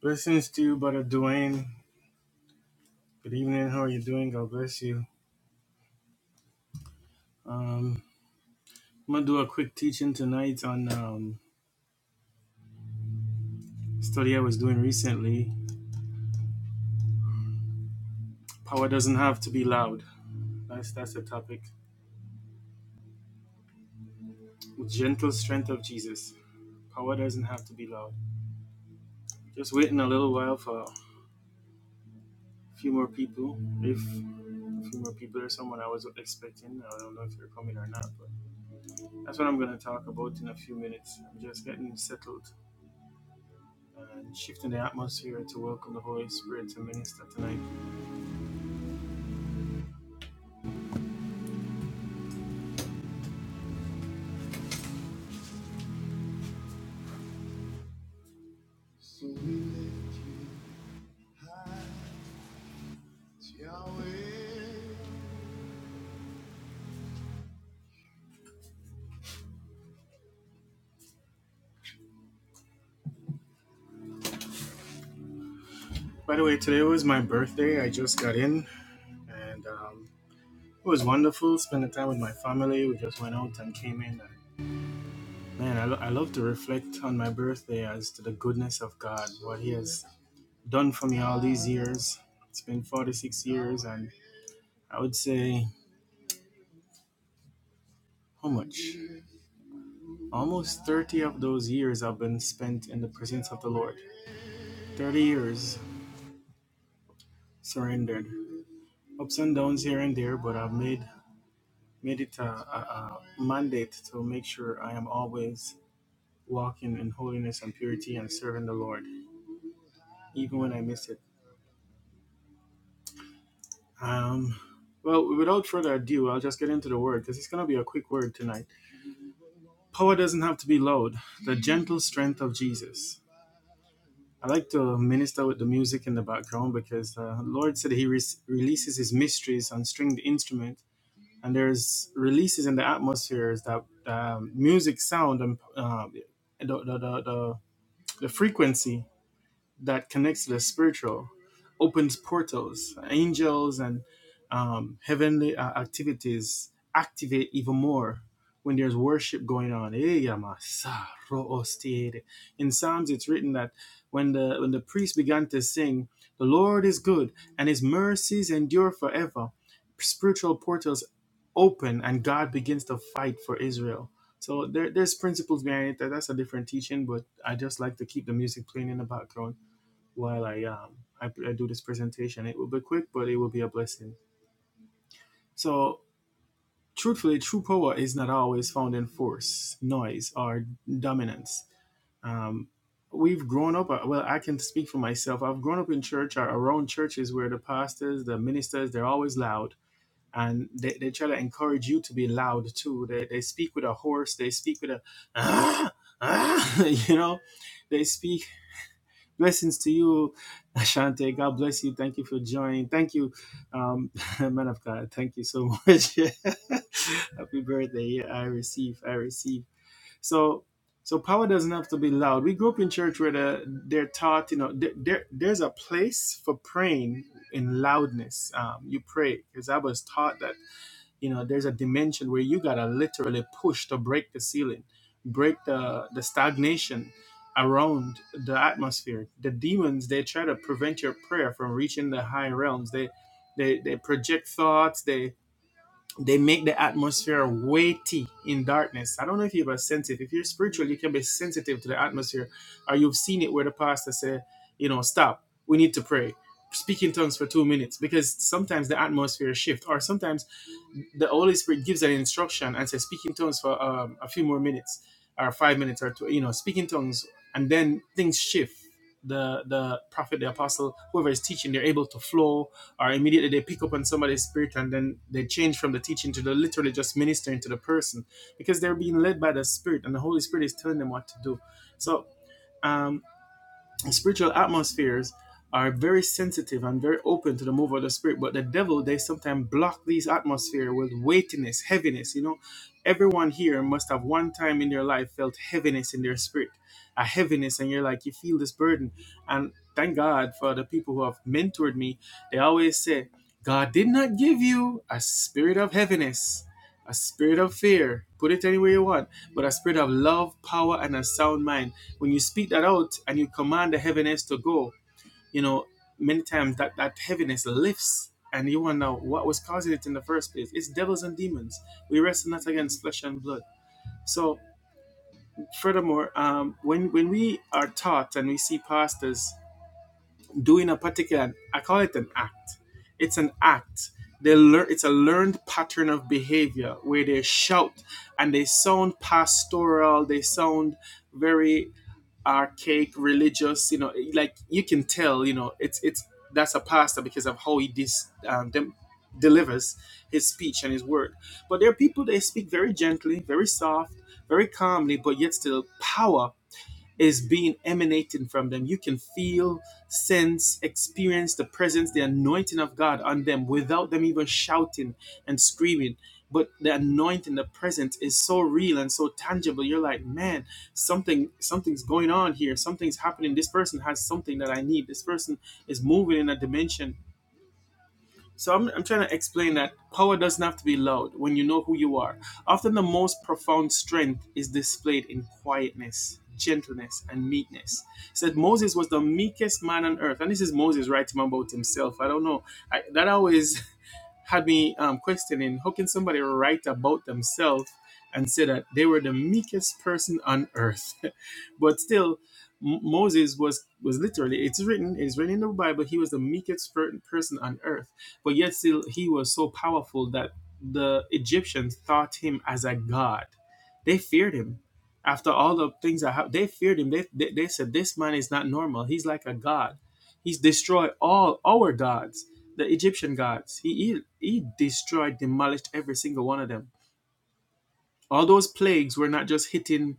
Blessings to you, Brother Dwayne. Good evening. How are you doing? God bless you. Um, I'm gonna do a quick teaching tonight on um, study I was doing recently. Power doesn't have to be loud. That's that's the topic. Gentle strength of Jesus. Power doesn't have to be loud. Just waiting a little while for a few more people. If a few more people or someone I was expecting. I don't know if they're coming or not, but that's what I'm gonna talk about in a few minutes. I'm just getting settled. and shifting the atmosphere to welcome the Holy Spirit to minister tonight. By the way, today was my birthday. I just got in and um, it was wonderful spending time with my family. We just went out and came in. And, man, I, lo- I love to reflect on my birthday as to the goodness of God, what He has done for me all these years. It's been 46 years, and I would say, how much? Almost 30 of those years have been spent in the presence of the Lord. 30 years surrendered. ups and downs here and there, but I've made made it a, a, a mandate to make sure I am always walking in holiness and purity and serving the Lord, even when I miss it. Um, well, without further ado, I'll just get into the word because it's going to be a quick word tonight. Power doesn't have to be loud. The gentle strength of Jesus. I like to minister with the music in the background because the Lord said He re- releases His mysteries on stringed instruments and there's releases in the atmospheres that um, music sound and uh, the, the, the, the the frequency that connects to the spiritual, opens portals, angels and um, heavenly uh, activities activate even more when there's worship going on. Eh, In Psalms, it's written that when the when the priest began to sing, "The Lord is good, and His mercies endure forever," spiritual portals open, and God begins to fight for Israel. So there, there's principles behind it. That's a different teaching, but I just like to keep the music playing in the background while I um I, I do this presentation. It will be quick, but it will be a blessing. So, truthfully, true power is not always found in force, noise, or dominance. Um, we've grown up. uh, Well, I can speak for myself. I've grown up in church or around churches where the pastors, the ministers, they're always loud. And they, they try to encourage you to be loud too. They, they speak with a horse. They speak with a, ah, ah, you know, they speak Blessings to you, Ashante. God bless you. Thank you for joining. Thank you, um, man of God. Thank you so much. Happy birthday. Yeah, I receive. I receive. So, so power doesn't have to be loud. We grew up in church where the, they're taught, you know, there, there, there's a place for praying in loudness. Um, you pray because I was taught that you know there's a dimension where you gotta literally push to break the ceiling break the the stagnation around the atmosphere the demons they try to prevent your prayer from reaching the high realms they they they project thoughts They they make the atmosphere weighty in darkness. I don't know if you have a sense If you're spiritual, you can be sensitive to the atmosphere, or you've seen it where the pastor said, you know, stop. We need to pray. Speak in tongues for two minutes because sometimes the atmosphere shifts, or sometimes the Holy Spirit gives an instruction and says, speak in tongues for um, a few more minutes, or five minutes, or two, you know, speak in tongues, and then things shift. The the prophet, the apostle, whoever is teaching, they're able to flow or immediately they pick up on somebody's spirit and then they change from the teaching to the literally just ministering to the person because they're being led by the spirit and the holy spirit is telling them what to do so um and spiritual atmospheres are very sensitive and very open to the move of the spirit but the devil they sometimes block these atmosphere with weightiness heaviness you know everyone here must have one time in their life felt heaviness in their spirit a heaviness and you're like you feel this burden and thank god for the people who have mentored me they always say god did not give you a spirit of heaviness a spirit of fear put it anywhere you want but a spirit of love power and a sound mind when you speak that out and you command the heaviness to go, you know, many times that, that heaviness lifts and you wonder what was causing it in the first place. It's devils and demons. We wrestle not against flesh and blood. So, furthermore, um, when, when we are taught and we see pastors doing a particular, I call it an act, it's an act. They learn, it's a learned pattern of behavior where they shout and they sound pastoral, they sound very archaic religious you know like you can tell you know it's it's that's a pastor because of how he dis, um, dem, delivers his speech and his word but there are people they speak very gently very soft very calmly but yet still power is being emanating from them. You can feel, sense, experience the presence, the anointing of God on them without them even shouting and screaming. But the anointing, the presence is so real and so tangible. You're like, man, something, something's going on here. Something's happening. This person has something that I need. This person is moving in a dimension so I'm, I'm trying to explain that power doesn't have to be loud when you know who you are. Often the most profound strength is displayed in quietness, gentleness, and meekness. It said Moses was the meekest man on earth, and this is Moses writing about himself. I don't know. I, that always had me um, questioning how can somebody write about themselves and say that they were the meekest person on earth but still M- moses was was literally it's written it's written in the bible he was the meekest per- person on earth but yet still he was so powerful that the egyptians thought him as a god they feared him after all the things that happened they feared him they, they, they said this man is not normal he's like a god he's destroyed all our gods the Egyptian gods. He, he he destroyed, demolished every single one of them. All those plagues were not just hitting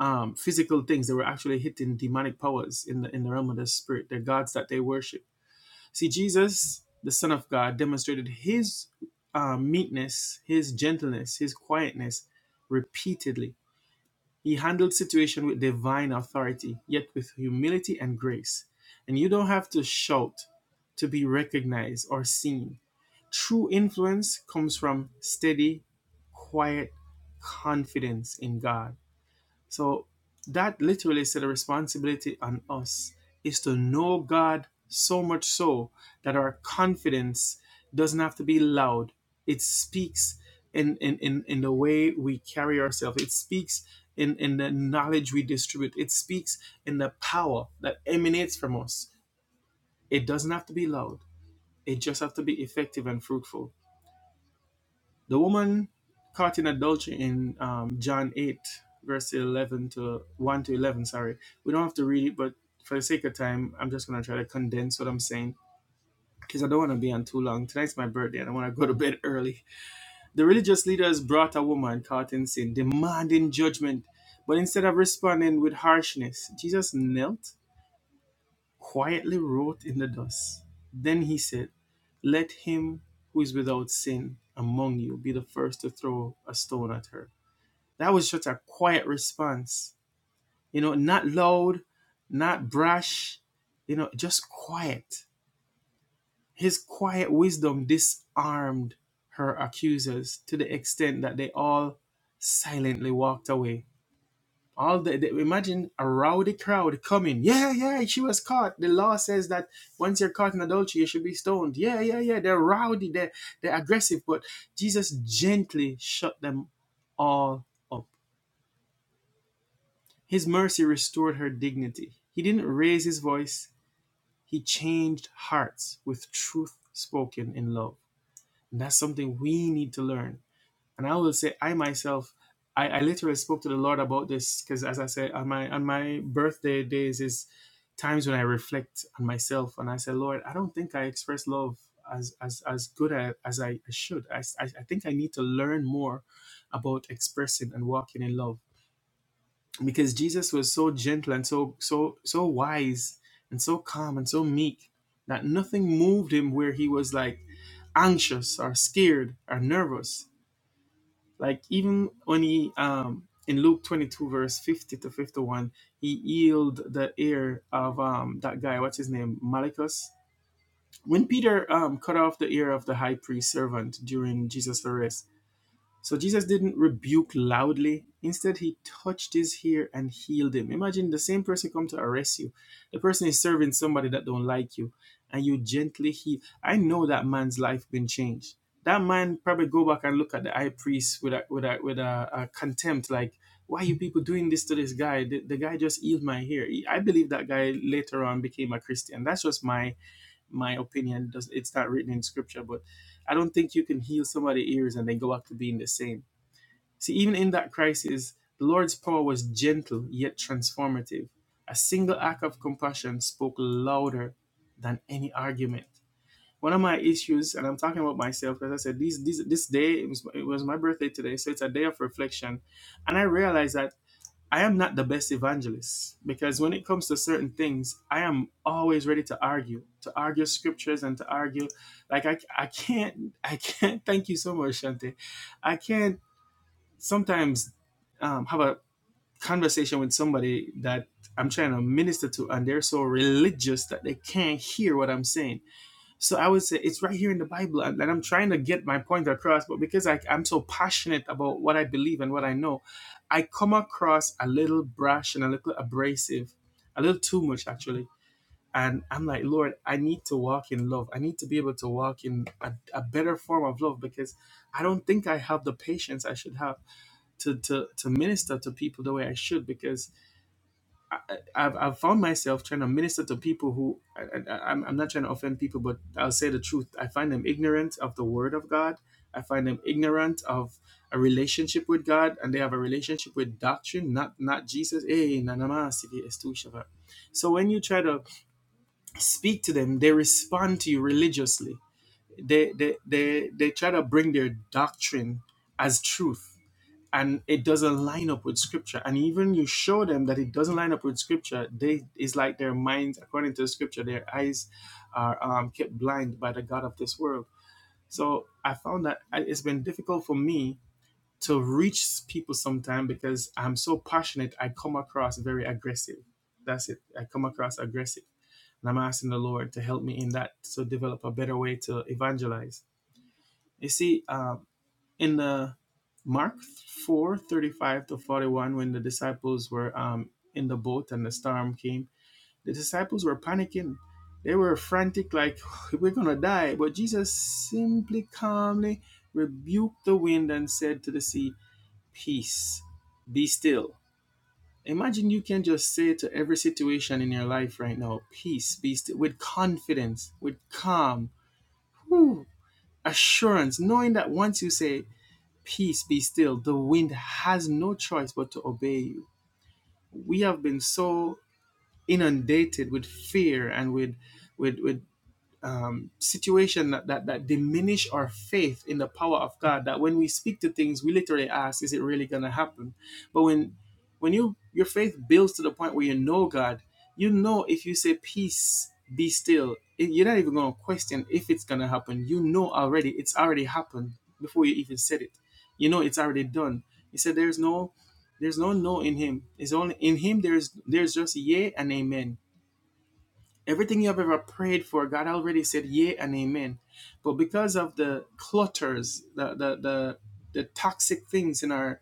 um, physical things; they were actually hitting demonic powers in the in the realm of the spirit, the gods that they worship. See, Jesus, the Son of God, demonstrated his uh, meekness, his gentleness, his quietness repeatedly he handled situation with divine authority, yet with humility and grace. And you don't have to shout to be recognized or seen. True influence comes from steady, quiet confidence in God. So that literally said a responsibility on us is to know God so much so that our confidence doesn't have to be loud. It speaks in in, in, in the way we carry ourselves. It speaks in, in the knowledge we distribute. It speaks in the power that emanates from us. It doesn't have to be loud. It just has to be effective and fruitful. The woman caught in adultery in um, John 8, verse 11 to 1 to 11, sorry. We don't have to read it, but for the sake of time, I'm just going to try to condense what I'm saying because I don't want to be on too long. Tonight's my birthday and I want to go to bed early. The religious leaders brought a woman caught in sin, demanding judgment. But instead of responding with harshness, Jesus knelt quietly wrote in the dust. Then he said, Let him who is without sin among you be the first to throw a stone at her. That was just a quiet response. You know, not loud, not brash, you know, just quiet. His quiet wisdom disarmed her accusers to the extent that they all silently walked away all the, the imagine a rowdy crowd coming yeah yeah she was caught the law says that once you're caught in adultery you should be stoned yeah yeah yeah they're rowdy they're, they're aggressive but jesus gently shut them all up his mercy restored her dignity he didn't raise his voice he changed hearts with truth spoken in love and that's something we need to learn And I will say, I myself, I, I literally spoke to the Lord about this because, as I said, on my on my birthday days is times when I reflect on myself and I say, Lord, I don't think I express love as as as good a- as I, should. I, I I think I need to learn more about expressing and walking in love because Jesus was so gentle and so so so wise and so calm and so meek that nothing moved him where he was like anxious or scared or nervous like even when he um in Luke 22 verse 50 to 51, he healed the ear of um that guy, what's his name, Malichus. When Peter um cut off the ear of the high priest servant during Jesus' arrest, so Jesus didn't rebuke loudly. Instead, he touched his ear and healed him. Imagine the same person come to arrest you. The person is serving somebody that don't like you, and you gently heal. I know that man's life been changed. That man probably go back and look at the high priest with a with a with a, a contempt, like, why you people doing this to this guy? The, the guy just healed my hair. I believe that guy later on became a Christian. That's just my my opinion. Does it's not written in scripture, but I don't think you can heal somebody's ears and they go back to being the same. See, even in that crisis, the Lord's power was gentle yet transformative. A single act of compassion spoke louder than any argument. One of my issues, and I'm talking about myself, as I said, these, these, this day it was, it was my birthday today, so it's a day of reflection, and I realized that. I am not the best evangelist because when it comes to certain things, I am always ready to argue, to argue scriptures and to argue. Like I, I can't, I can't. Thank you so much, Shante. I can't sometimes um, have a conversation with somebody that I'm trying to minister to, and they're so religious that they can't hear what I'm saying. So I would say it's right here in the Bible, and, and I'm trying to get my point across. But because I, I'm so passionate about what I believe and what I know, I come across a little brash and a little abrasive, a little too much actually. And I'm like, Lord, I need to walk in love. I need to be able to walk in a, a better form of love because I don't think I have the patience I should have to to to minister to people the way I should because I, I've, I've found myself trying to minister to people who I, I, I'm, I'm not trying to offend people, but I'll say the truth. I find them ignorant of the word of God. I find them ignorant of a relationship with God, and they have a relationship with doctrine, not not Jesus. Eh, na na ma, si di estu shava. So when you try to speak to them, they respond to you religiously. They they they, they try to bring their doctrine as truth and it doesn't line up with scripture and even you show them that it doesn't line up with scripture they it's like their minds according to scripture their eyes are um, kept blind by the god of this world so i found that I- it's been difficult for me to reach people sometime because i'm so passionate i come across very aggressive that's it i come across aggressive and i'm asking the lord to help me in that to develop a better way to evangelize you see um, in the Mark 4 35 to 41, when the disciples were um, in the boat and the storm came, the disciples were panicking. They were frantic, like, we're going to die. But Jesus simply calmly rebuked the wind and said to the sea, Peace, be still. Imagine you can just say to every situation in your life right now, Peace, be still, with confidence, with calm, whew, assurance, knowing that once you say, Peace be still. The wind has no choice but to obey you. We have been so inundated with fear and with, with, with um, situation that, that that diminish our faith in the power of God. That when we speak to things, we literally ask, "Is it really going to happen?" But when when you your faith builds to the point where you know God, you know if you say peace, be still, it- you're not even going to question if it's going to happen. You know already it's already happened before you even said it. You know it's already done. He said, "There's no." There's no no in him. It's only in him. There's there's just yea and amen Everything you have ever prayed for, God already said yea and amen. But because of the clutters, the the the, the toxic things in our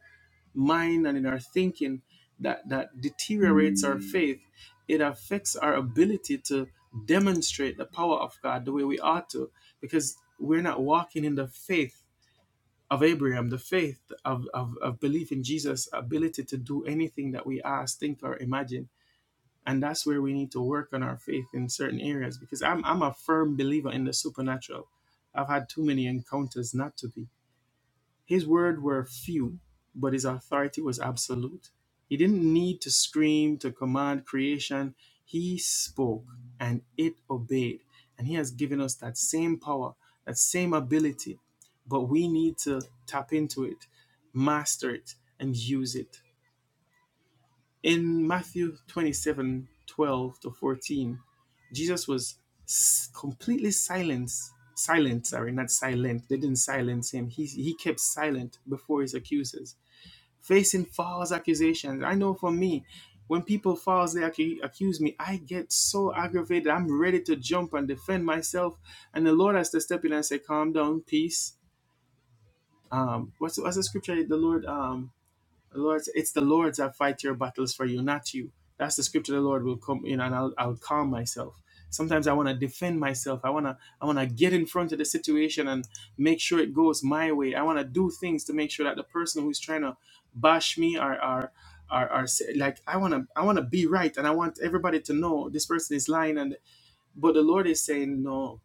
mind and in our thinking that, that deteriorates our faith, it affects our ability to demonstrate the power of God the way we ought to, because we're not walking in the faith of Abraham, the faith of, of, of belief in Jesus' ability to do anything that we ask, think, or imagine and that's where we need to work on our faith in certain areas because i'm, I'm a firm believer in the supernatural i've had too many encounters not to be his word were few but his authority was absolute he didn't need to scream to command creation he spoke and it obeyed and he has given us that same power that same ability but we need to tap into it master it and use it in Matthew 27, 12 to 14, Jesus was s- completely silent. Silent, sorry, not silent. They didn't silence him. He, he kept silent before his accusers, facing false accusations. I know for me, when people falsely accu- accuse me, I get so aggravated. I'm ready to jump and defend myself. And the Lord has to step in and say, Calm down, peace. Um, what's, what's the scripture? The Lord. Um, the Lord, it's the Lord that fight your battles for you, not you. That's the scripture the Lord will come in and I'll, I'll calm myself. Sometimes I want to defend myself. I want to I want to get in front of the situation and make sure it goes my way. I want to do things to make sure that the person who's trying to bash me or or or, or say, like I want to I want to be right and I want everybody to know this person is lying and but the Lord is saying no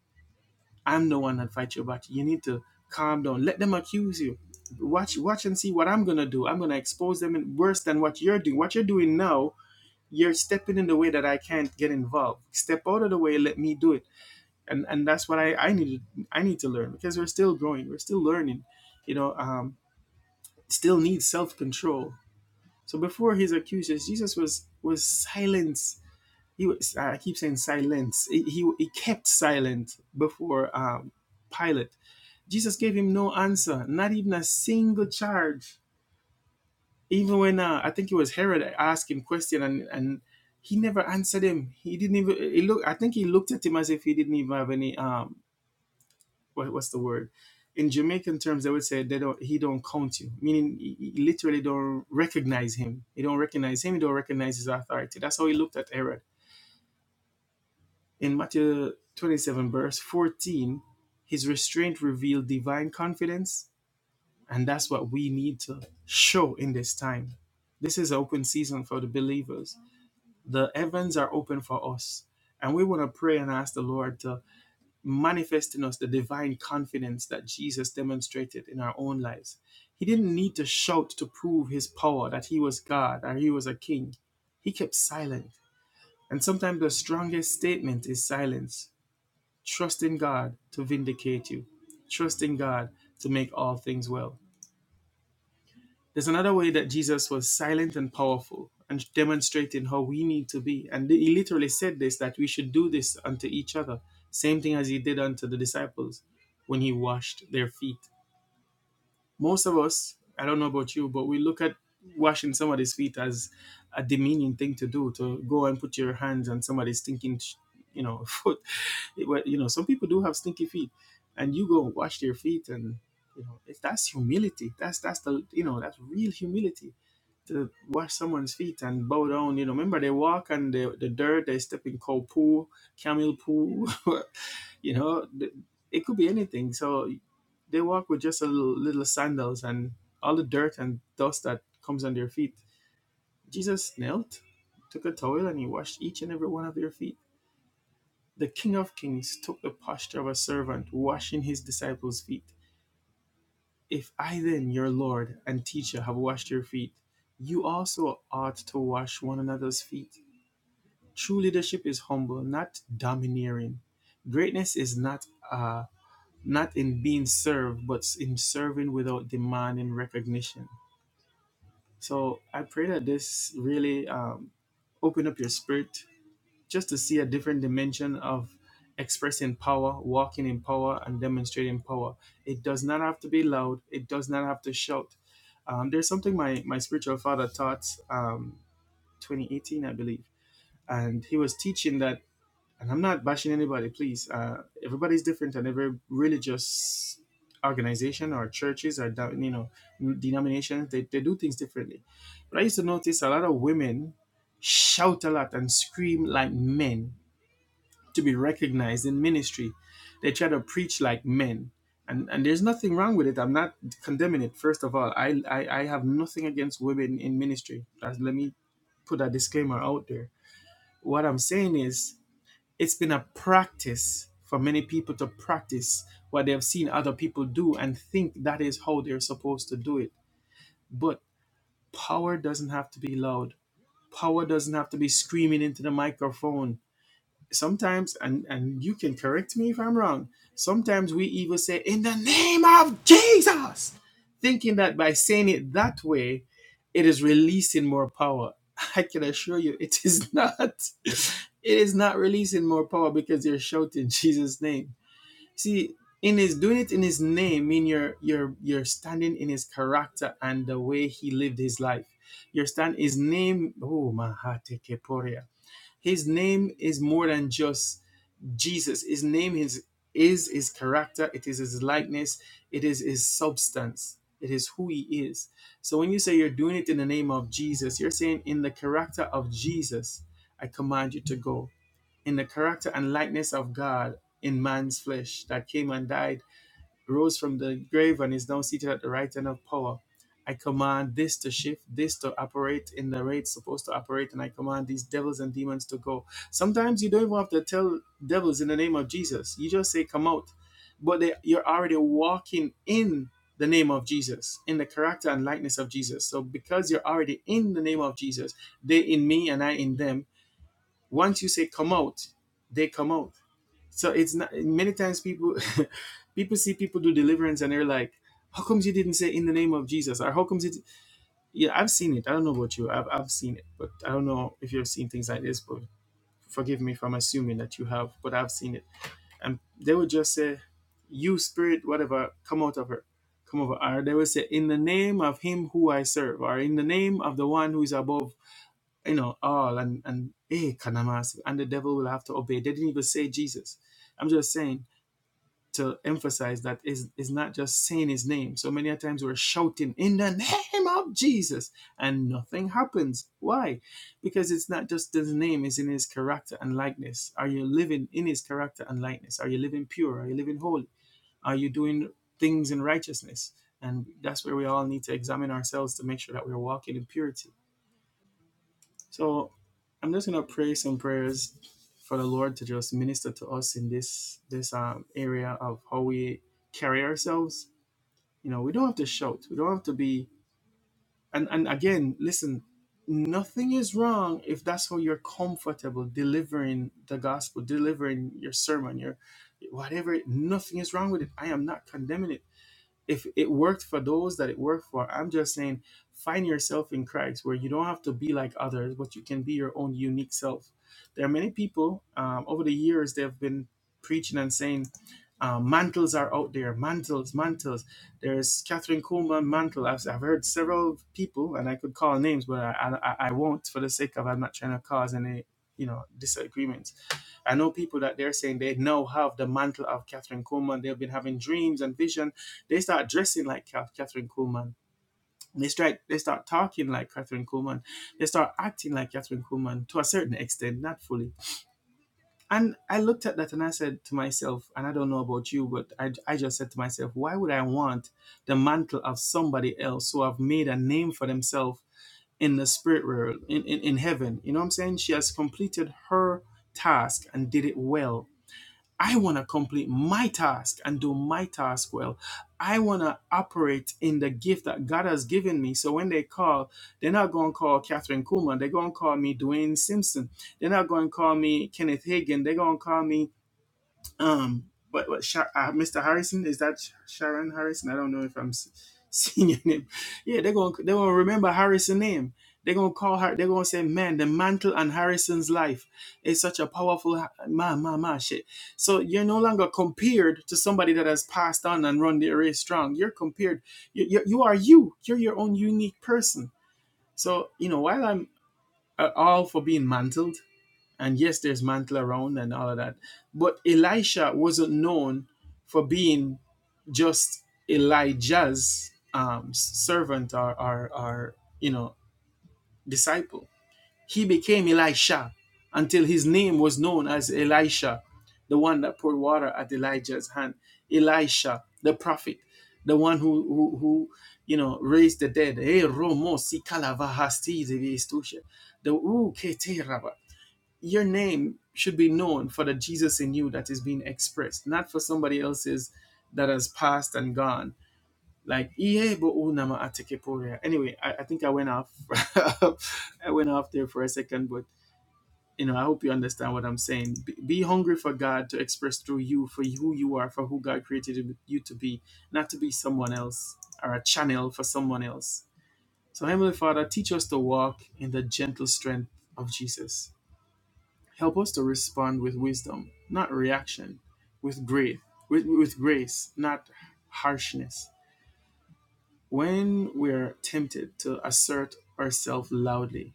I'm the one that fight your back. You need to calm down. Let them accuse you. Watch, watch and see what I'm gonna do. I'm gonna expose them in worse than what you're doing. What you're doing now, you're stepping in the way that I can't get involved. Step out of the way. Let me do it. And and that's what I I need I need to learn because we're still growing. We're still learning. You know, um, still needs self control. So before his accusers, Jesus was was silence. He was. I keep saying silence. He, he, he kept silent before um, Pilate Jesus gave him no answer, not even a single charge. Even when uh, I think it was Herod asked him question and and he never answered him. He didn't even he look. I think he looked at him as if he didn't even have any um what, what's the word? In Jamaican terms, they would say they don't he don't count you, meaning he he literally don't recognize him. He don't recognize him. He don't recognize his authority. That's how he looked at Herod. In Matthew twenty seven verse fourteen, his restraint revealed divine confidence And that's what we need to show in this time. This is an open season for the believers. The heavens are open for us. And we want to pray and ask the Lord to manifest in us the divine confidence that Jesus demonstrated in our own lives. He didn't need to shout to prove his power that he was God or he was a king. He kept silent. And sometimes the strongest statement is silence. Trust in God to vindicate you, trust in God to make all things well. There's another way that Jesus was silent and powerful and demonstrating how we need to be. And he literally said this that we should do this unto each other, same thing as he did unto the disciples when he washed their feet. Most of us, I don't know about you, but we look at washing somebody's feet as a demeaning thing to do to go and put your hands on somebody's stinking you know foot It you know some people do have stinky feet and you go and wash their feet and you know if that's humility that's that's the you know that's real humility to wash someone's feet and bow down. You know, remember they walk on the, the dirt, they step in cow poo, camel poo, you know, th- it could be anything. So they walk with just a little, little sandals and all the dirt and dust that comes on their feet. Jesus knelt, took a towel, and he washed each and every one of their feet. The King of Kings took the posture of a servant, washing his disciples' feet. If I then, your Lord and teacher, have washed your feet, you also ought to wash one another's feet. True leadership is humble, not domineering. Greatness is not uh, not in being served, but in serving without demanding recognition. So I pray that this really um, open up your spirit just to see a different dimension of expressing power, walking in power, and demonstrating power. It does not have to be loud. It does not have to shout. Um, there's something my my spiritual father taught um, 2018, I believe, and he was teaching that and I'm not bashing anybody, please. Uh, everybody's different, and every religious organization or churches or da- you know denominations they, they do things differently. But I used to notice a lot of women shout a lot and scream like men to be recognized in ministry. They try to preach like men. And, and there's nothing wrong with it. I'm not condemning it. First of all, I, I, I have nothing against women in ministry. That's, let me put that disclaimer out there. What I'm saying is, it's been a practice for many people to practice what they have seen other people do and think that is how they're supposed to do it. But power doesn't have to be loud. Power doesn't have to be screaming into the microphone sometimes and and you can correct me if i'm wrong sometimes we even say in the name of jesus thinking that by saying it that way it is releasing more power i can assure you it is not it is not releasing more power because you're shouting jesus name see in his doing it in his name mean you're you're you're standing in his character and the way he lived his life your stand his name oh mahate keporia his name is more than just Jesus, his name is, is his character, it is his likeness, it is his substance, it is who he is. So when you say you're doing it in the name of Jesus, you're saying, In the character of Jesus, I command you to go. In the character and likeness of God in man's flesh that came and died rose from the grave and is now seated at the right hand of power. I command this to shift, this to operate in the way it's supposed to operate, and I command these devils and demons to go. Sometimes you don't even have to tell devils in the name of Jesus. You just say, come out. But they, you're already walking in the name of Jesus, in the character and likeness of Jesus. So because you're already in the name of Jesus, they in me and I in them, once you say come out they come out so it's not many times people people see people do deliverance and they're like how come you didn't say in the name of jesus or how come it yeah i've seen it i don't know about you i've, I've seen it but i don't know if you've seen things like this but forgive me if i'm assuming that you have but i've seen it and they would just say you spirit whatever come out of her come over or they would say in the name of him who i serve or in the name of the one who is above you know, all and and eh, kanamasi, and the devil will have to obey. They didn't even say Jesus. I'm just saying to emphasize that is is not just saying his name. So many a times we're shouting in the name of Jesus, and nothing happens. Why? Because it's not just his name; it's in his character and likeness. Are you living in his character and likeness? Are you living pure? Are you living holy? Are you doing things in righteousness? And that's where we all need to examine ourselves to make sure that we're walking in purity so I'm just gonna pray some prayers for the Lord to just minister to us in this this um, area of how we carry ourselves. You know, we don't have to shout. We don't have to be. And and again, listen. Nothing is wrong if that's how you're comfortable delivering the gospel, delivering your sermon, your whatever. Nothing is wrong with it. I am not condemning it if it worked for those that it worked for i'm just saying find yourself in christ where you don't have to be like others but you can be your own unique self there are many people um, over the years they've been preaching and saying uh, mantles are out there mantles mantles there's catherine coleman mantle I've, I've heard several people and i could call names but I, I i won't for the sake of i'm not trying to cause any you know disagreements I know people that they're saying they now have the mantle of Catherine Coleman. They've been having dreams and vision. They start dressing like Ca- Catherine Kuhlman. They start, they start talking like Catherine Coleman. They start acting like Catherine Coleman to a certain extent, not fully. And I looked at that and I said to myself, and I don't know about you, but I, I just said to myself, why would I want the mantle of somebody else who have made a name for themselves in the spirit world, in, in, in heaven? You know what I'm saying? She has completed her task and did it well I want to complete my task and do my task well. I want to operate in the gift that God has given me. So when they call, they're not going to call Catherine Kuhlman. They're going to call me Dwayne Simpson. They're not going to call me Kenneth Hagin. They're going to call me um, but what, Sha- uh, Mr. Harrison is that Sh- Sharon Harrison? I don't know if I'm s- seeing your name. Yeah, they're gonna they're gonna remember Harrison's name. They're gonna call her. They're gonna say, "Man, the mantle on Harrison's life is such a powerful ha- ma ma ma shit." So you're no longer compared to somebody that has passed on and run the race strong. You're compared. You you, you are you. You're your own unique person. So you know, while I'm uh, all for being mantled, and yes, there's mantle around and all of that. But Elisha wasn't known for being just Elijah's um, servant or, or, or, you know, disciple. He became Elisha until his name was known as Elisha, the one that poured water at Elijah's hand. Elisha, the prophet, the one who, who, who you know, raised the dead. Eh, si The your name should be known for the Jesus in you that is being expressed, not for somebody else's that has passed and gone. Like "Iye bo unama ateke poria." Anyway, I, I think I went off. I went off there for a second, but you know, I hope you understand what I'm saying. Be, be hungry for God to express through you for who you are, for who God created you to be, not to be someone else or a channel for someone else. So, Heavenly Father, teach us to walk in the gentle strength of Jesus Help us to respond with wisdom, not reaction, with grace, with, with grace, not harshness. When we are tempted to assert ourselves loudly,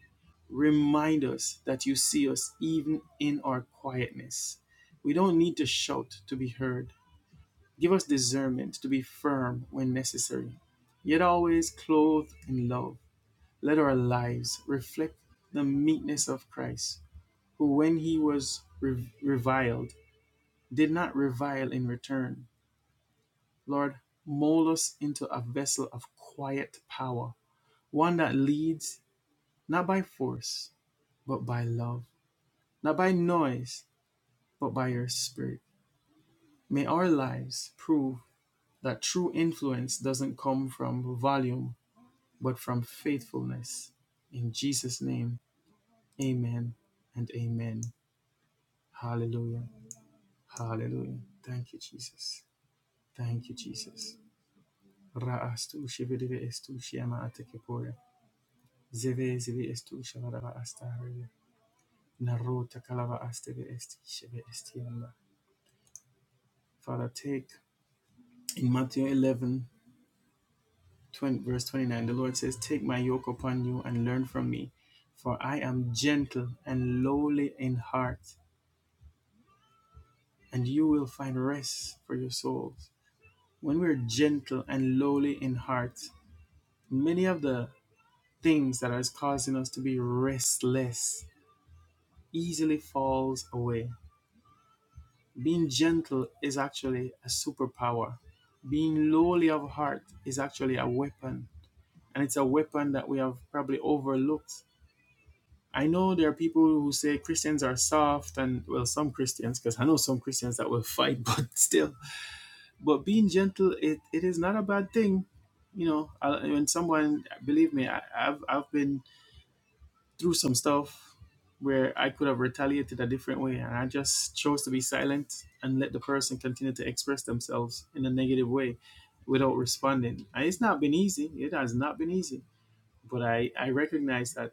remind us that you see us even in our quietness. We don't need to shout to be heard. Give us discernment to be firm when necessary, yet always clothed in love. Let our lives reflect the meekness of Christ, who, when he was reviled, did not revile in return. Lord, mold us into a vessel of quiet power, one that leads not by force, but by love, not by noise, but by your spirit. May our lives prove that true influence doesn't come from volume, but from faithfulness. In Jesus' name, amen and amen. Hallelujah. Hallelujah. Thank you, Jesus. Thank you, Jesus. Ra'astu shivireve estu shiama atekepore. Zeve zeve estu shalarava astahareve. Narota kalava asteve esti estianda. Father, take in Matthew eleven, twenty verse 29, the Lord says, Take my yoke upon you and learn from me, for I am gentle and lowly in heart, and you will find rest for your souls. When we're gentle and lowly in heart, many of the things that are causing us to be restless easily falls away. Being gentle is actually a superpower. Being lowly of heart is actually a weapon, and it's a weapon that we have probably overlooked. I know there are people who say Christians are soft, and well, some Christians, because I know some Christians that will fight, but still. But being gentle, it, it is not a bad thing. You know, I, when someone, believe me, I, I've, I've been through some stuff where I could have retaliated a different way, and I just chose to be silent and let the person continue to express themselves in a negative way without responding. And It's not been easy. It has not been easy, but I I recognize that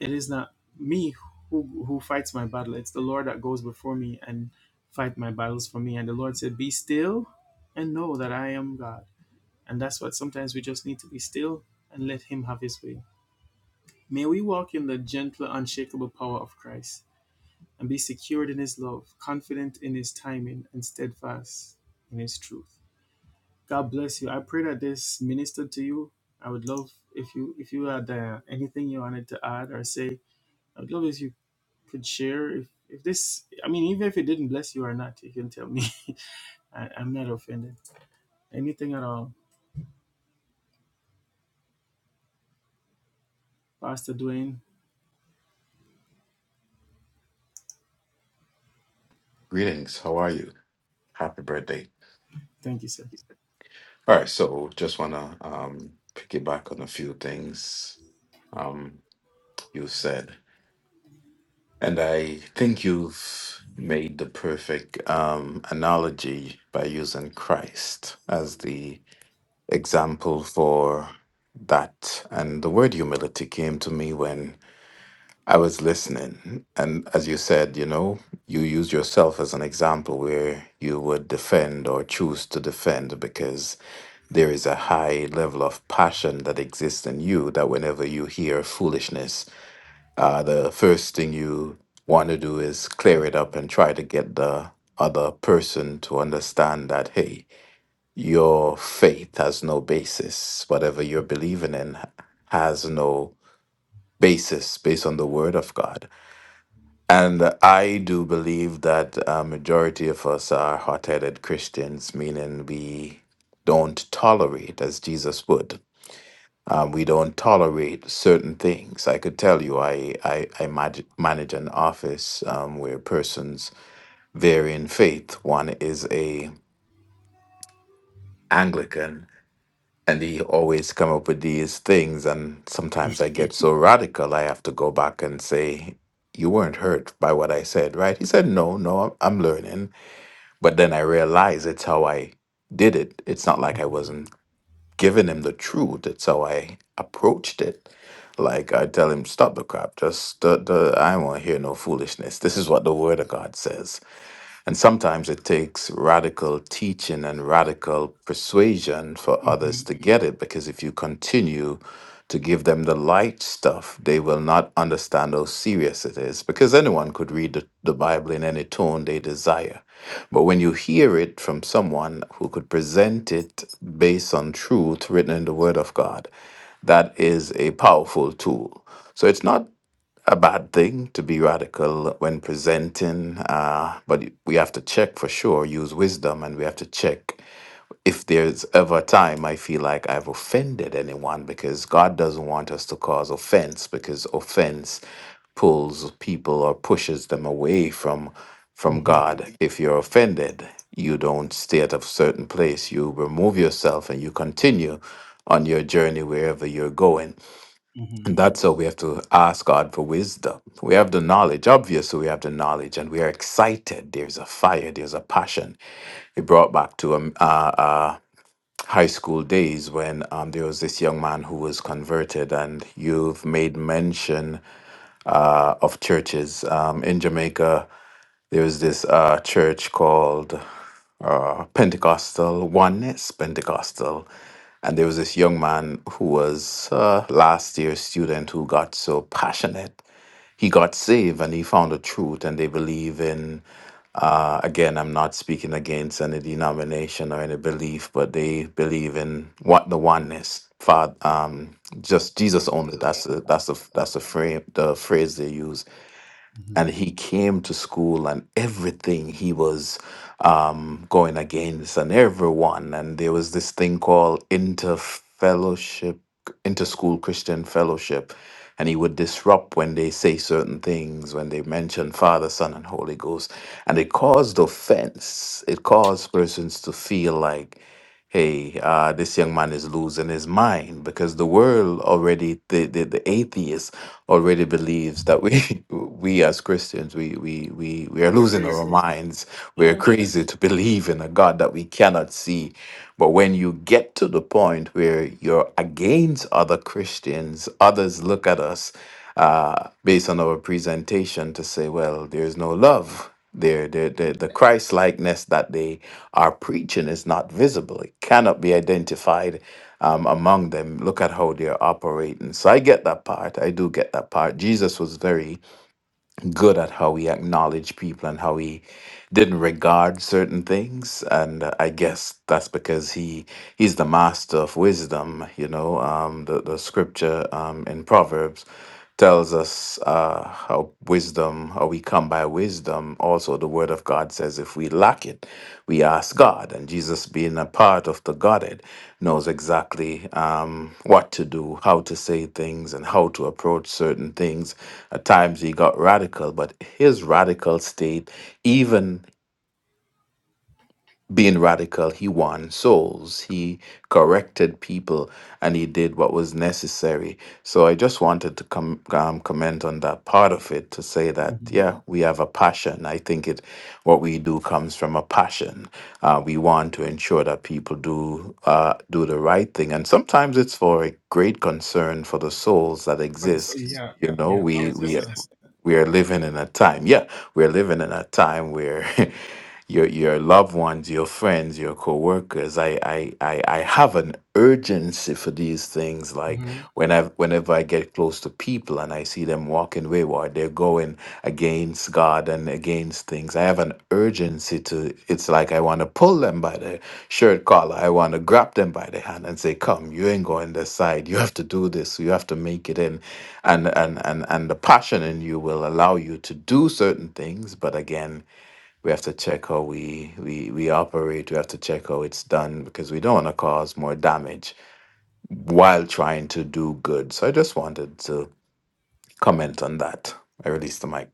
it is not me who who fights my battle. It's the Lord that goes before me and fight my battles for me. And the Lord said, "Be still and know that I am God." And that's what sometimes we just need to be still and let Him have His way. May we walk in the gentle, unshakable power of Christ and be secured in his love, confident in his timing, and steadfast in his truth. God bless you. I pray that this ministered to you. I would love if you if you had uh, anything you wanted to add or say. I would love if you could share if if this I mean even if it didn't bless you or not, you can tell me. I, I'm not offended. Anything at all. Pastor Dwayne, Greetings. How are you? Happy birthday. thank you, sir. All right, so just wanna um piggyback on a few things um you said. And I think you've made the perfect um analogy by using Christ as the example for that. And the word humility came to me when I was listening. And as you said, you know, you use yourself as an example where you would defend or choose to defend because there is a high level of passion that exists in you that whenever you hear foolishness, uh, the first thing you want to do is clear it up and try to get the other person to understand that, hey, your faith has no basis. Whatever you're believing in has no basis based on the word of God. And I do believe that a majority of us are hot headed Christians, meaning we don't tolerate as Jesus would um, we don't tolerate certain things. I could tell you, I, I, I mag- manage an office um, where persons vary in faith. One is a Anglican, and he always come up with these things. And sometimes I get so radical, I have to go back and say, "You weren't hurt by what I said, right?" He said, "No, no, I'm, I'm learning." But then I realize it's how I did it. It's not like I hmm wasn't giving him the truth. That's how I approached it. Like I tell him, stop the crap. Just the, the I won't hear no foolishness. This is what the word of God says. And sometimes it takes radical teaching and radical persuasion for hmm others to get it, because if you continue to give them the light stuff, they will not understand how serious it is, because anyone could read the, the Bible in any tone they desire. But when you hear it from someone who could present it based on truth written in the Word of God, that is a powerful tool. So it's not a bad thing to be radical when presenting, uh, but we have to check for sure, use wisdom, and we have to check if there's ever a time I feel like I've offended anyone because God doesn't want us to cause offense because offense pulls people or pushes them away from from hmm God. If you're offended, you don't stay at a certain place. You remove yourself and you continue on your journey wherever you're going hmm and that's how we have to ask God for wisdom. We have the knowledge, obviously, we have the knowledge, and we are excited. There's a fire, there's a passion. It brought back to um, uh, uh, high school days when um, there was this young man who was converted, and you've made mention uh, of churches um, in Jamaica. There was this uh, church called uh, Pentecostal oneness, Pentecostal. And there was this young man who was uh, last year student who got so passionate. He got saved and he found the truth, and they believe in. Uh, again, I'm not speaking against any denomination or any belief, but they believe in what the oneness, Father, um, just Jesus only. That's the that's the that's the frame the phrase they use and he came to school and everything he was um, going against and everyone and there was this thing called interfellowship interschool christian fellowship and he would disrupt when they say certain things when they mention father son and holy ghost and it caused offense it caused persons to feel like hey, uh, this young man is losing his mind because the world already, the, the, the atheist already believes that we we as Christians, we we we, we are We're losing crazy. our minds. We're Yeah. crazy to believe in a God that we cannot see. But when you get to the point where you're against other Christians, others look at us uh, based on our presentation to say, well, there's no love. Their, their, their, the Christ likeness that they are preaching is not visible. It cannot be identified um, among them. Look at how they're operating. So I get that part. I do get that part. Jesus was very good at how he acknowledged people and how he didn't regard certain things. And uh, I guess that's because he he's the master of wisdom. You know, um, the the scripture um, in Proverbs tells us uh, how wisdom, how we come by wisdom. Also, the Word of God says if we lack it, we ask God. And Jesus, being a part of the Godhead, knows exactly um, what to do, how to say things, and how to approach certain things. At times, he got radical, but his radical state, even being radical, he won souls, he corrected people, and he did what was necessary. So I just wanted to com- um, comment on that part of it to say that, Mm-hmm. yeah, we have a passion. I think it what we do comes from a passion. Uh, we want to ensure that people do uh, do the right thing, and sometimes it's for a great concern for the souls that But it's so exist. yeah, You know, yeah. I we was just we gonna say. we are living in a time, yeah, we're living in a time where your your loved ones, your friends, your coworkers. I I I, I have an urgency for these things. Like hmm when I whenever I get close to people and I see them walking wayward, they're going against God and against things. I have an urgency to. It's like I want to pull them by the shirt collar. I want to grab them by the hand and say, "Come, you ain't going this side. You have to do this. You have to make it in." And and and and the passion in you will allow you to do certain things, but again we have to check how we, we we operate we have to check how it's done because we don't want to cause more damage while trying to do good so i just wanted to comment on that i released the mic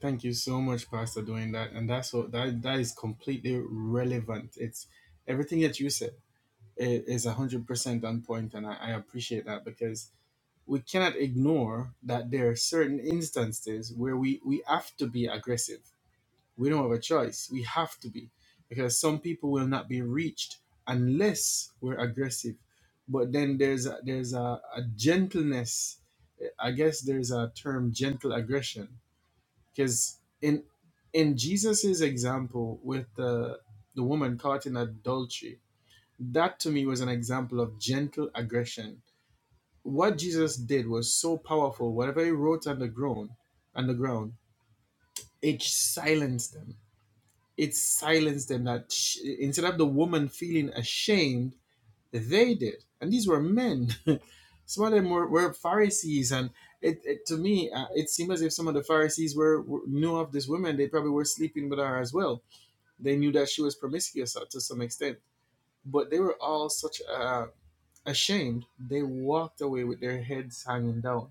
Thank you so much, Pastor, doing that, and that's what that that is completely relevant. It's everything that you said i- is a hundred percent on point, and I, I appreciate that because we cannot ignore that there are certain instances where we we have to be aggressive We don't have a choice. We have to be because some people will not be reached unless we're aggressive. But then there's a, there's a, a gentleness. I guess there's a term gentle aggression because in in Jesus's example with the the woman caught in adultery, that to me was an example of gentle aggression. What Jesus did was so powerful. Whatever he wrote on the ground, on the ground, it silenced them it silenced them that sh- instead of the woman feeling ashamed they did and these were men some of them were, were pharisees and it, it to me uh, it seemed as if some of the pharisees were, were knew of this woman they probably were sleeping with her as well they knew that she was promiscuous uh, to some extent but they were all such uh, ashamed they walked away with their heads hanging down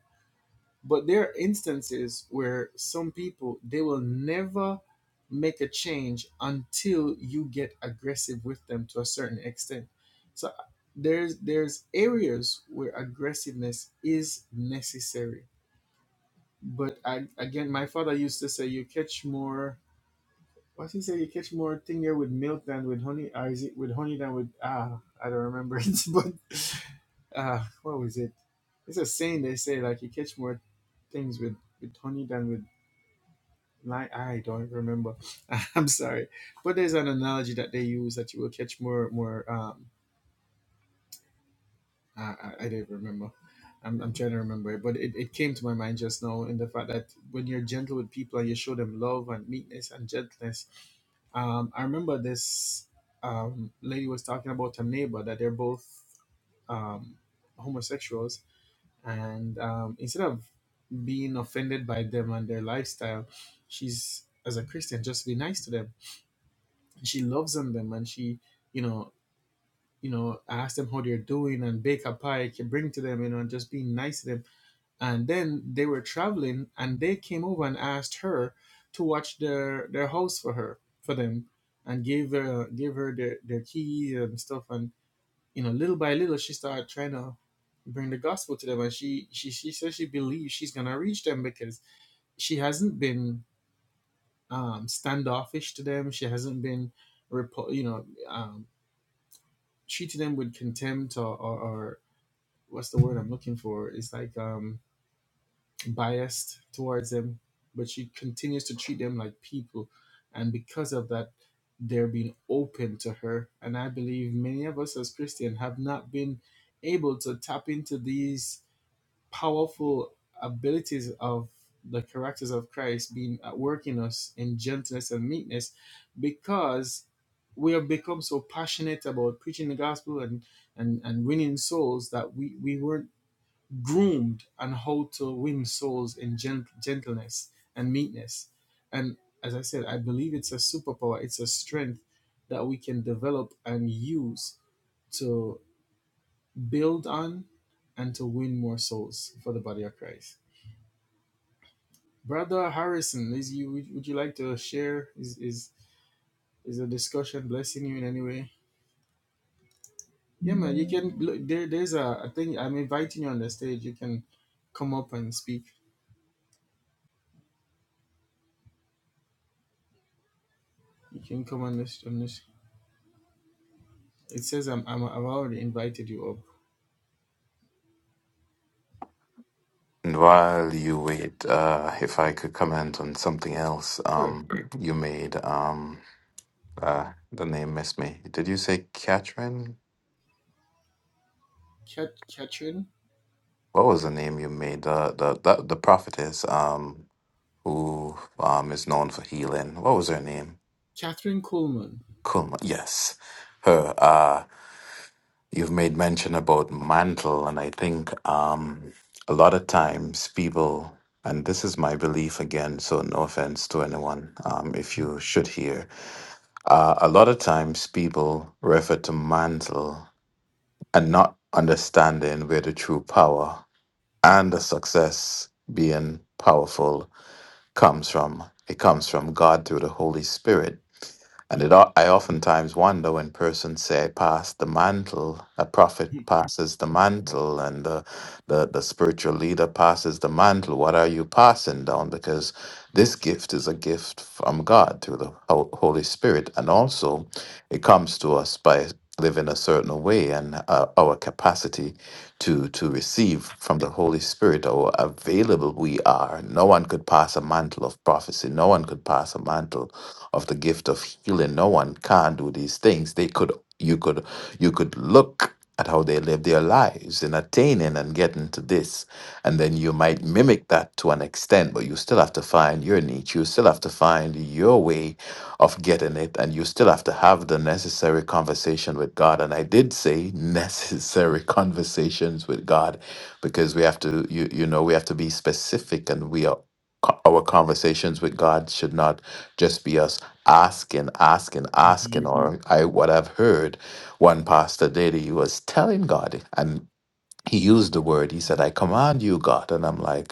but there are instances where some people they will never make a change until you get aggressive with them to a certain extent. So there's there's areas where aggressiveness is necessary. But I, again, my father used to say, "You catch more." What he said, you catch more thing there with milk than with honey, or is it with honey than with ah? I don't remember it, but ah, what was it? It's a saying they say like you catch more things with with honey than with lime. I don't remember. I'm sorry, but there's an analogy that they use that you will catch more more um I, I I don't remember. I'm, I'm trying to remember it, but it, it came to my mind just now in the fact that when you're gentle with people and you show them love and meekness and gentleness, um, I remember this um, lady was talking about her neighbor that they're both um, homosexuals, and um, instead of being offended by them and their lifestyle, she's as a Christian just be nice to them. She loves on them, and she, you know, you know, ask them how they're doing and bake a pie, can bring to them, you know, and just being nice to them and then they were traveling and they came over and asked her to watch their their house for her for them and gave her gave her their, their key and stuff and you know little by little she started trying to bring the gospel to them and she she, she says she believes she's gonna reach them because she hasn't been um, standoffish to them she hasn't been repu- you know um, treating them with contempt or, or, or what's the word i'm looking for it's like um, biased towards them, but she continues to treat them like people. And because of that, they're being open to her. And I believe many of us as Christian have not been able to tap into these powerful abilities of the characters of Christ being at work in us in gentleness and meekness because we have become so passionate about preaching the gospel and and, and winning souls that we, we weren't groomed on how to win souls in gent- gentleness and meekness. And as I said, I believe it's a superpower, it's a strength that we can develop and use to build on and to win more souls for the body of Christ. Brother Harrison, is you would would you like to share? Is is is the discussion blessing you in any way? Yeah, man, you can. Look, there, there's a, a thing. I'm inviting you on the stage. You can come up and speak. You can come on this on this It says I'm, I'm I've already invited you up. and while you wait uh if i could comment on something else Sure. um you made um uh the name missed me did you say catherine Cat, Catherine what was the name you made the the the, the prophetess um who um is known for healing what was her name Catherine Coleman. Kuma, yes, her. Uh, you've made mention about mantle, and I think um, a lot of times people, and this is my belief again, so no offense to anyone, um, if you should hear, uh, a lot of times people refer to mantle and not understanding where the true power and the success being powerful comes from. It comes from God through the Holy Spirit And it, o- I oftentimes wonder when persons say, pass the mantle, a prophet passes the mantle, and the the the spiritual leader passes the mantle what are you passing down because this gift is a gift from god through the Ho- holy spirit and also it comes to us by living a certain way and uh, our capacity to to receive from the holy spirit or available we are no one could pass a mantle of prophecy no one could pass a mantle of the gift of healing no one can do these things they could you could you could look at how they live their lives in attaining and getting to this. And then you might mimic that to an extent, but you still have to find your niche. You still have to find your way of getting it. And you still have to have the necessary conversation with God. And I did say necessary conversations with God because we have to, you, you know, we have to be specific and we are. co- Our conversations with God should not just be us asking, asking, Mhm. asking, or I what I've heard one pastor did, he was telling God, and he used the word, he said, I command you, God. And I'm like,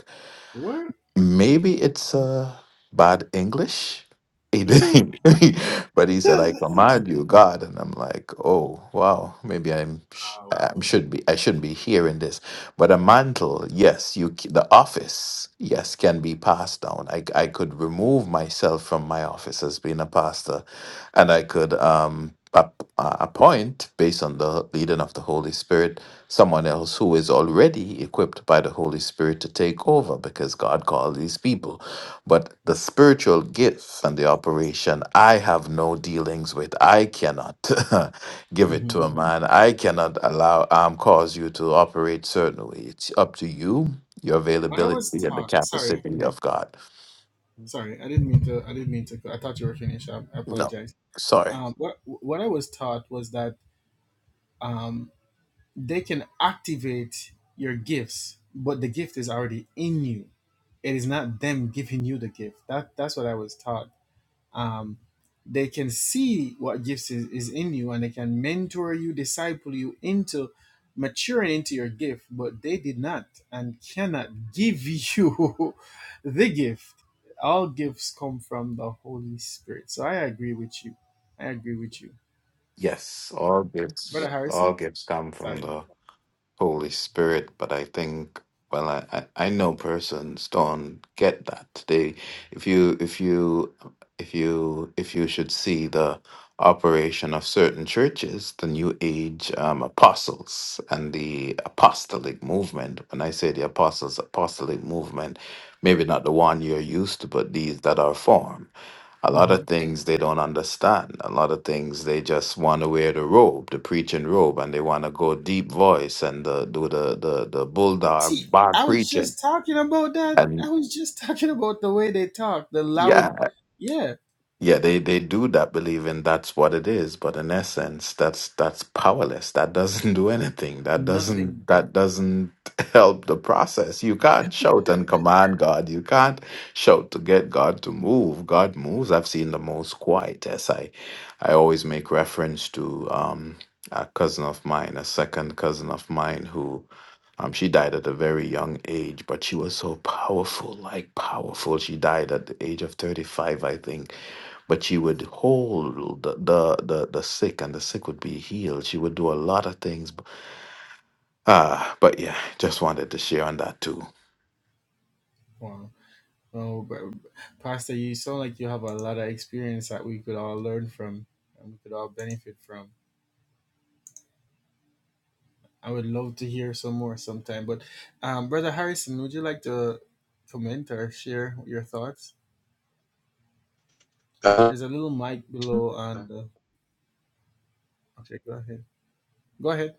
What? Maybe it's uh, bad English. He did, but he said, "I Mhm. command you, God," and I'm like, "Oh, wow, maybe I'm sh- I should be I shouldn't be hearing this." But a mantle, yes, you c- the office, yes, can be passed down. I I could remove myself from my office as being a pastor, and I could um ap- uh, appoint based on the leading of the Holy Spirit someone else who is already equipped by the Holy Spirit to take over because God called these people. But the spiritual gifts and the operation, I have no dealings with. I cannot give it When to a Mhm. man. I cannot allow, um, cause you to operate certain way. It's up to you, your I was availability, and the taught. Sorry, capacity of God. sorry. I didn't mean to. I didn't mean to. I thought you were finished. I, I No, apologize. sorry. Um, what what I was taught was that um, they can activate your gifts, but the gift is already in you. It is not them giving you the gift. That that's what I was taught. um, they can see what gifts is, is in you and they can mentor you disciple you into maturing into your gift but they did not and cannot give you the gift all gifts come from the holy spirit so i agree with you i agree with you Yes, all brother gifts, all harrison gifts come from sorry the Holy Spirit, but I think well I, I, I know persons don't get that. They if you if you if you if you should see the operation of certain churches, the New Age um, apostles and the apostolic movement. When I say the apostles apostolic movement, maybe not the one you're used to, but these that are formed. A lot hmm of things they don't understand. A lot of things they just want to wear the robe, the preaching robe, and they want to go deep voice and uh, do the the the see bulldog bar i was preaching. just talking about that i And was just talking about the way they talk the yeah, loud yeah Yeah, they, they do that believing that's what it is, but in essence, that's that's powerless. That doesn't do anything. That nothing doesn't that doesn't help the process. You can't shout and command God. You can't shout to get God to move. God moves. I've seen the most quiet. Yes, I I always make reference to um a cousin of mine, a second cousin of mine who um she died at a very young age, but she was so powerful, like powerful. She died at the age of 35, I think but she would hold the, the the the sick and the sick would be healed she would do a lot of things ah but yeah just wanted to share on that too Oh, but Pastor, you sound like you have a lot of experience that we could all learn from and we could all benefit from. I would love to hear some more sometime. But, um, Brother Harrison, would you like to comment or share your thoughts? Uh, There's a little mic below on the. Okay, go ahead. Go ahead.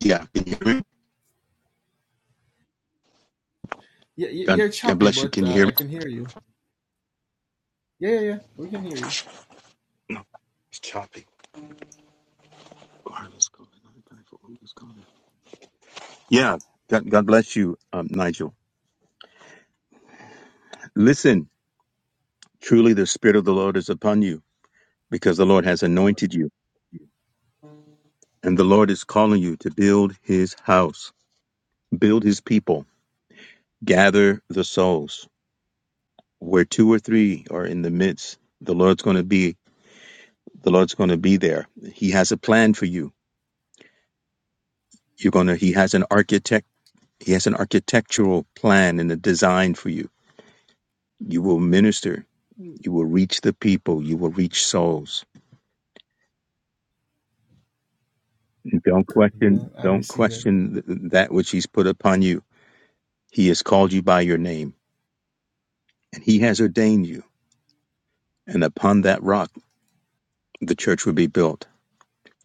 yeah, can you hear me? Yeah, y- God, you're God choppy, bless you. but Can you uh, hear me? I can hear you. Yeah, yeah, yeah. We can hear you. No, it's choppy. Yeah, God, God bless you, um, Nigel. Listen, truly the Spirit of the Lord is upon you because the Lord has anointed you, and the Lord is calling you to build his house, build his people, gather the souls. Where two or three are in the midst, the Lord's going to be. The Lord's going to be there. He has a plan for you. You're going to. He has an architect He has an architectural plan and a design for you. You will minister. You will reach the people. You will reach souls. Don't question. Amen. I Don't receive it. question th- that which He's put upon you. He has called you by your name, and He has ordained you. And upon that rock, the church will be built.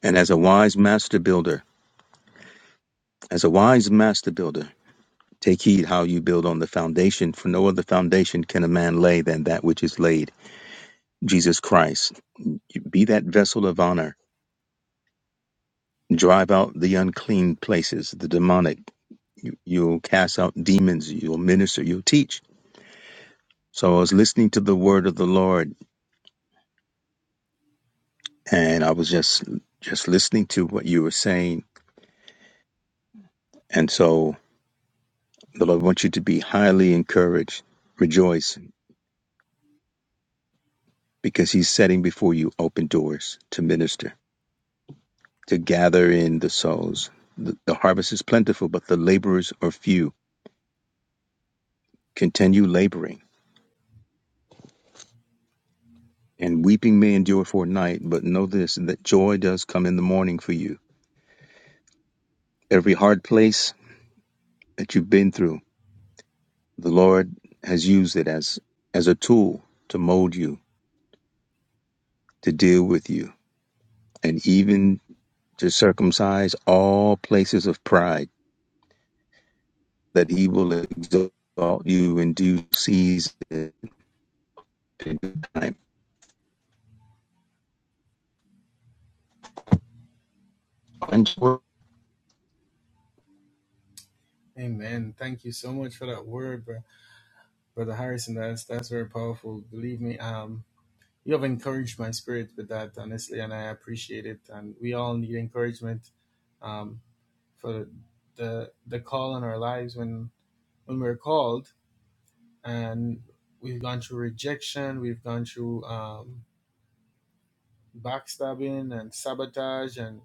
And as a wise master builder, as a wise master builder, take heed how you build on the foundation. For no other foundation can a man lay than that which is laid, Jesus Christ. Be that vessel of honor Drive out the unclean places, the demonic. You, you'll cast out demons. You'll minister. You'll teach. So I was listening to the word of the Lord, and I was just just listening to what you were saying. And so the Lord wants you to be highly encouraged, rejoice, because He's setting before you open doors to minister, to gather in the souls. The, the harvest is plentiful, but the laborers are few. Continue laboring And weeping may endure for a night, but know this that joy does come in the morning for you. Every hard place that you've been through, the Lord has used it as as a tool to mold you, to deal with you, and even to circumcise all places of pride that he will exalt you in due season and time. Amen. Thank you so much for that word, bro. Brother Harrison. That's that's very powerful. Believe me. Um, you have encouraged my spirit with that, honestly, and I appreciate it. And we all need encouragement um, for the the call in our lives when when we're called and we've gone through rejection, we've gone through um, backstabbing and sabotage and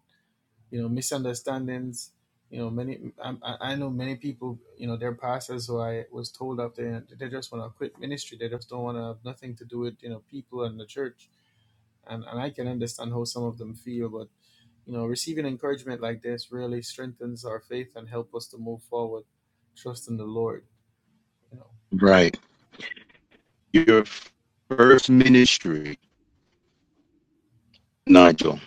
you know misunderstandings. You know, many I, I I know many people. You know, their pastors who I was told up there, they just want to quit ministry. They just don't want to have nothing to do with you know people and the church and, and I can understand how some of them feel, but you know, receiving encouragement like this really strengthens our faith and help us to move forward, trust in the Lord. You know, Right. Your first ministry, Nigel,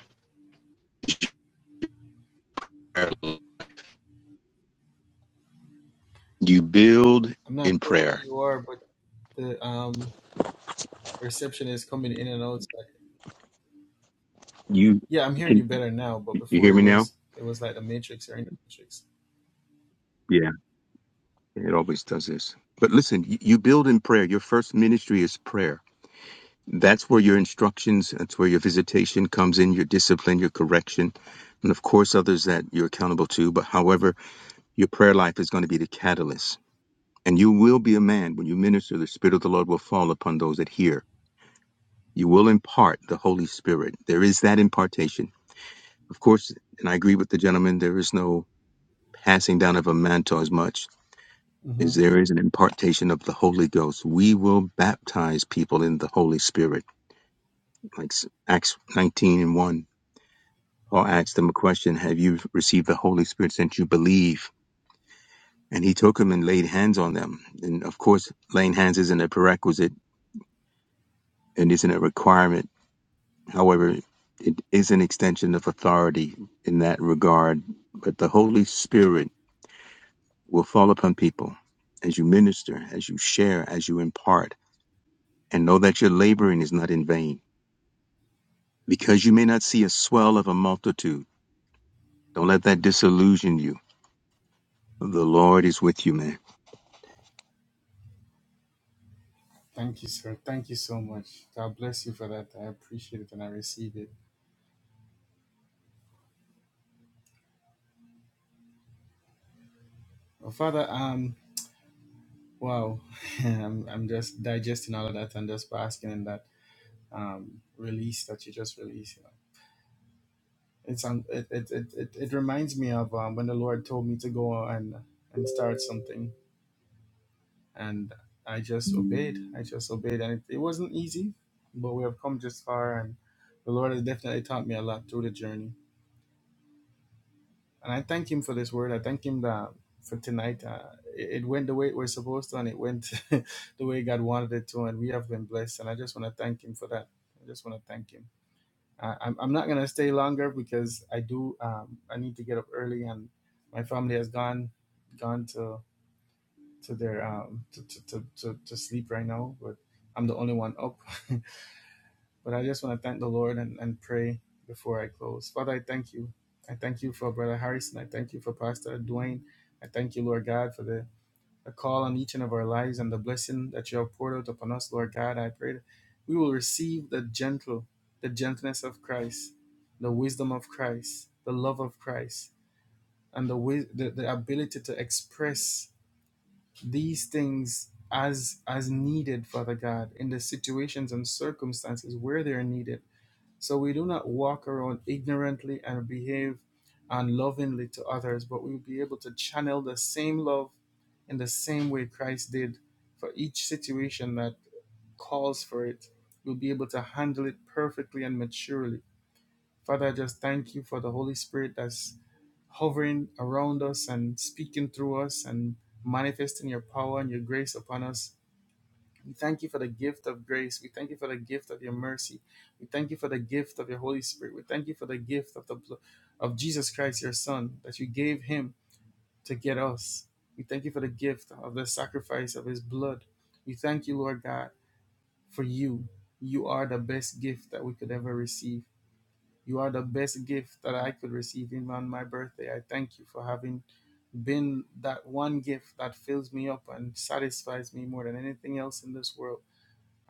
you build I'm not in sure where prayer. you are, but the um, reception is coming in and out. So- You Yeah, I'm hearing you better now, but You before hear it me now? was it was like the matrix or in the matrix. Yeah, it always does this. But listen, you, you build in prayer. Your first ministry is prayer. That's where your instructions, that's where your visitation comes in, your discipline, your correction, and of course, others that you're accountable to. But however, your prayer life is going to be the catalyst. And you will be a man when you minister, the Spirit of the Lord will fall upon those that hear. You will impart the Holy Spirit. There is that impartation. Of course, and I agree with the gentleman, there is no passing down of a mantle as much is hmm there is an impartation of the Holy Ghost. We will baptize people in the Holy Spirit. Like s- Acts 19 and 1, Paul asked them a question Have you received the Holy Spirit since you believe? And he took them and laid hands on them. And of course, laying hands isn't a prerequisite and isn't a requirement. However, it is an extension of authority in that regard. But the Holy Spirit will fall upon people as you minister, as you share, as you impart, and know that your laboring is not in vain because you may not see a swell of a multitude. Don't let that disillusion you. The Lord is with you, man. Thank you, sir. Thank you so much. God bless you for that. I appreciate it and I receive it. Well, Father, um, wow, I'm, I'm just digesting all of that and just basking in that um, release that you just released. You know, it's um, it, it, it, it, it reminds me of um, when the Lord told me to go and and start something, and I just obeyed. I just obeyed, and it, it wasn't easy, but we have come just far, and the Lord has definitely taught me a lot through the journey. And I thank Him for this word. I thank Him that for tonight. Uh, it, it went the way it was supposed to, and it went the way God wanted it to, and we have been blessed. And I just want to thank Him for that. I just want to thank Him. I, I'm I'm not gonna stay longer because I do um, I need to get up early and my family has gone gone to to their um, to, to, to, to, to sleep right now, but I'm the only one up. but I just want to thank the Lord and, and pray before I close. Father, I thank you. I thank you for Brother Harrison. I thank you for Pastor Dwayne. I thank you, Lord God, for the a call on each and of our lives and the blessing that you have poured out upon us, Lord God. I pray that we will receive the gentle, the gentleness of Christ, the wisdom of Christ, the love of Christ, and the wis- the, the ability to express these things as as needed, Father God, in the situations and circumstances where they are needed. So we do not walk around ignorantly and behave unlovingly to others, but we'll be able to channel the same love in the same way Christ did for each situation that calls for it. We'll be able to handle it perfectly and maturely. Father, I just thank you for the Holy Spirit that's hovering around us and speaking through us and manifesting your power and your grace upon us we thank you for the gift of grace. We thank you for the gift of your mercy. We thank you for the gift of your Holy Spirit. We thank you for the gift of the bl- of Jesus Christ, your Son, that you gave him to get us. We thank you for the gift of the sacrifice of his blood. We thank you, Lord God, for you. You are the best gift that we could ever receive. You are the best gift that I could receive even on my birthday. I thank you for having been that one gift that fills me up and satisfies me more than anything else in this world.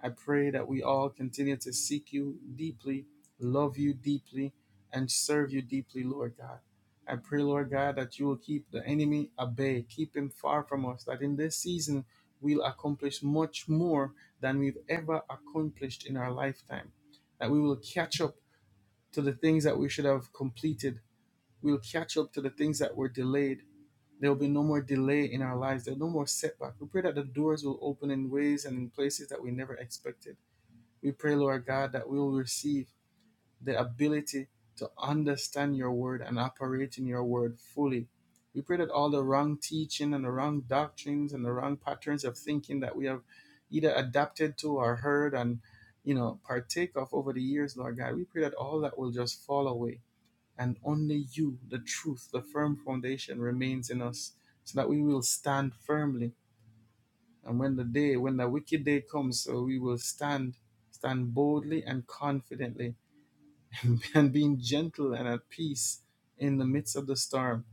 I pray that we all continue to seek you deeply, love you deeply, and serve you deeply, Lord God. I pray, Lord God, that you will keep the enemy at bay, keep him far from us, that in this season we'll accomplish much more than we've ever accomplished in our lifetime, that we will catch up to the things that we should have completed, we'll catch up to the things that were delayed. There will be no more delay in our lives. There will be no more setback. We pray that the doors will open in ways and in places that we never expected. We pray, Lord God, that we will receive the ability to understand your word and operate in your word fully. We pray that all the wrong teaching and the wrong doctrines and the wrong patterns of thinking that we have either adapted to or heard and you know partake of over the years, Lord God, we pray that all that will just fall away and only you, the truth, the firm foundation remains in us so that we will stand firmly and when the day, when the wicked day comes, so we will stand, stand boldly and confidently, and being gentle and at peace in the midst of the storm,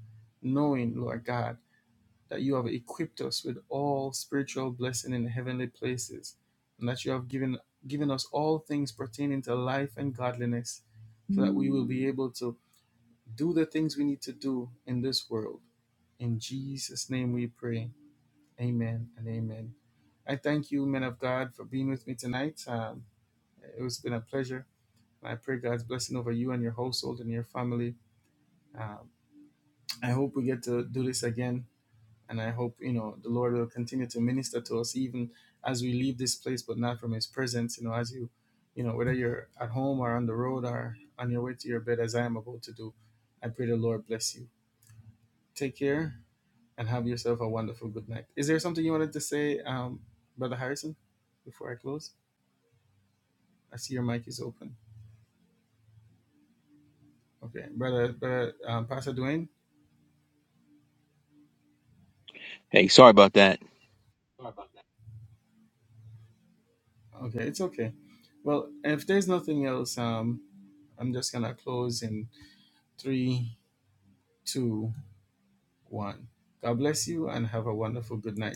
knowing, Lord God, that you have equipped us with all spiritual blessing in the heavenly places, and that you have given given us all things pertaining to life and godliness, so that we will be able to do the things we need to do in this world. In Jesus' name we pray. Amen and amen. I thank you, men of God, for being with me tonight. Um, it has been a pleasure. I pray God's blessing over you and your household and your family. Um, I hope we get to do this again, and I hope you know the Lord will continue to minister to us even as we leave this place, but not from His presence. You know, as you, you know, whether you're at home or on the road or on your way to your bed, as I am about to do. I pray the Lord bless you. Take care and have yourself a wonderful good night. Is there something you wanted to say, um, Brother Harrison, before I close? I see your mic is open. Okay, Brother, Brother um, Pastor Dwayne. Hey, sorry about that. Okay, it's okay. Well, if there's nothing else, um, I'm just gonna close in three, two, one. God bless you and have a wonderful good night.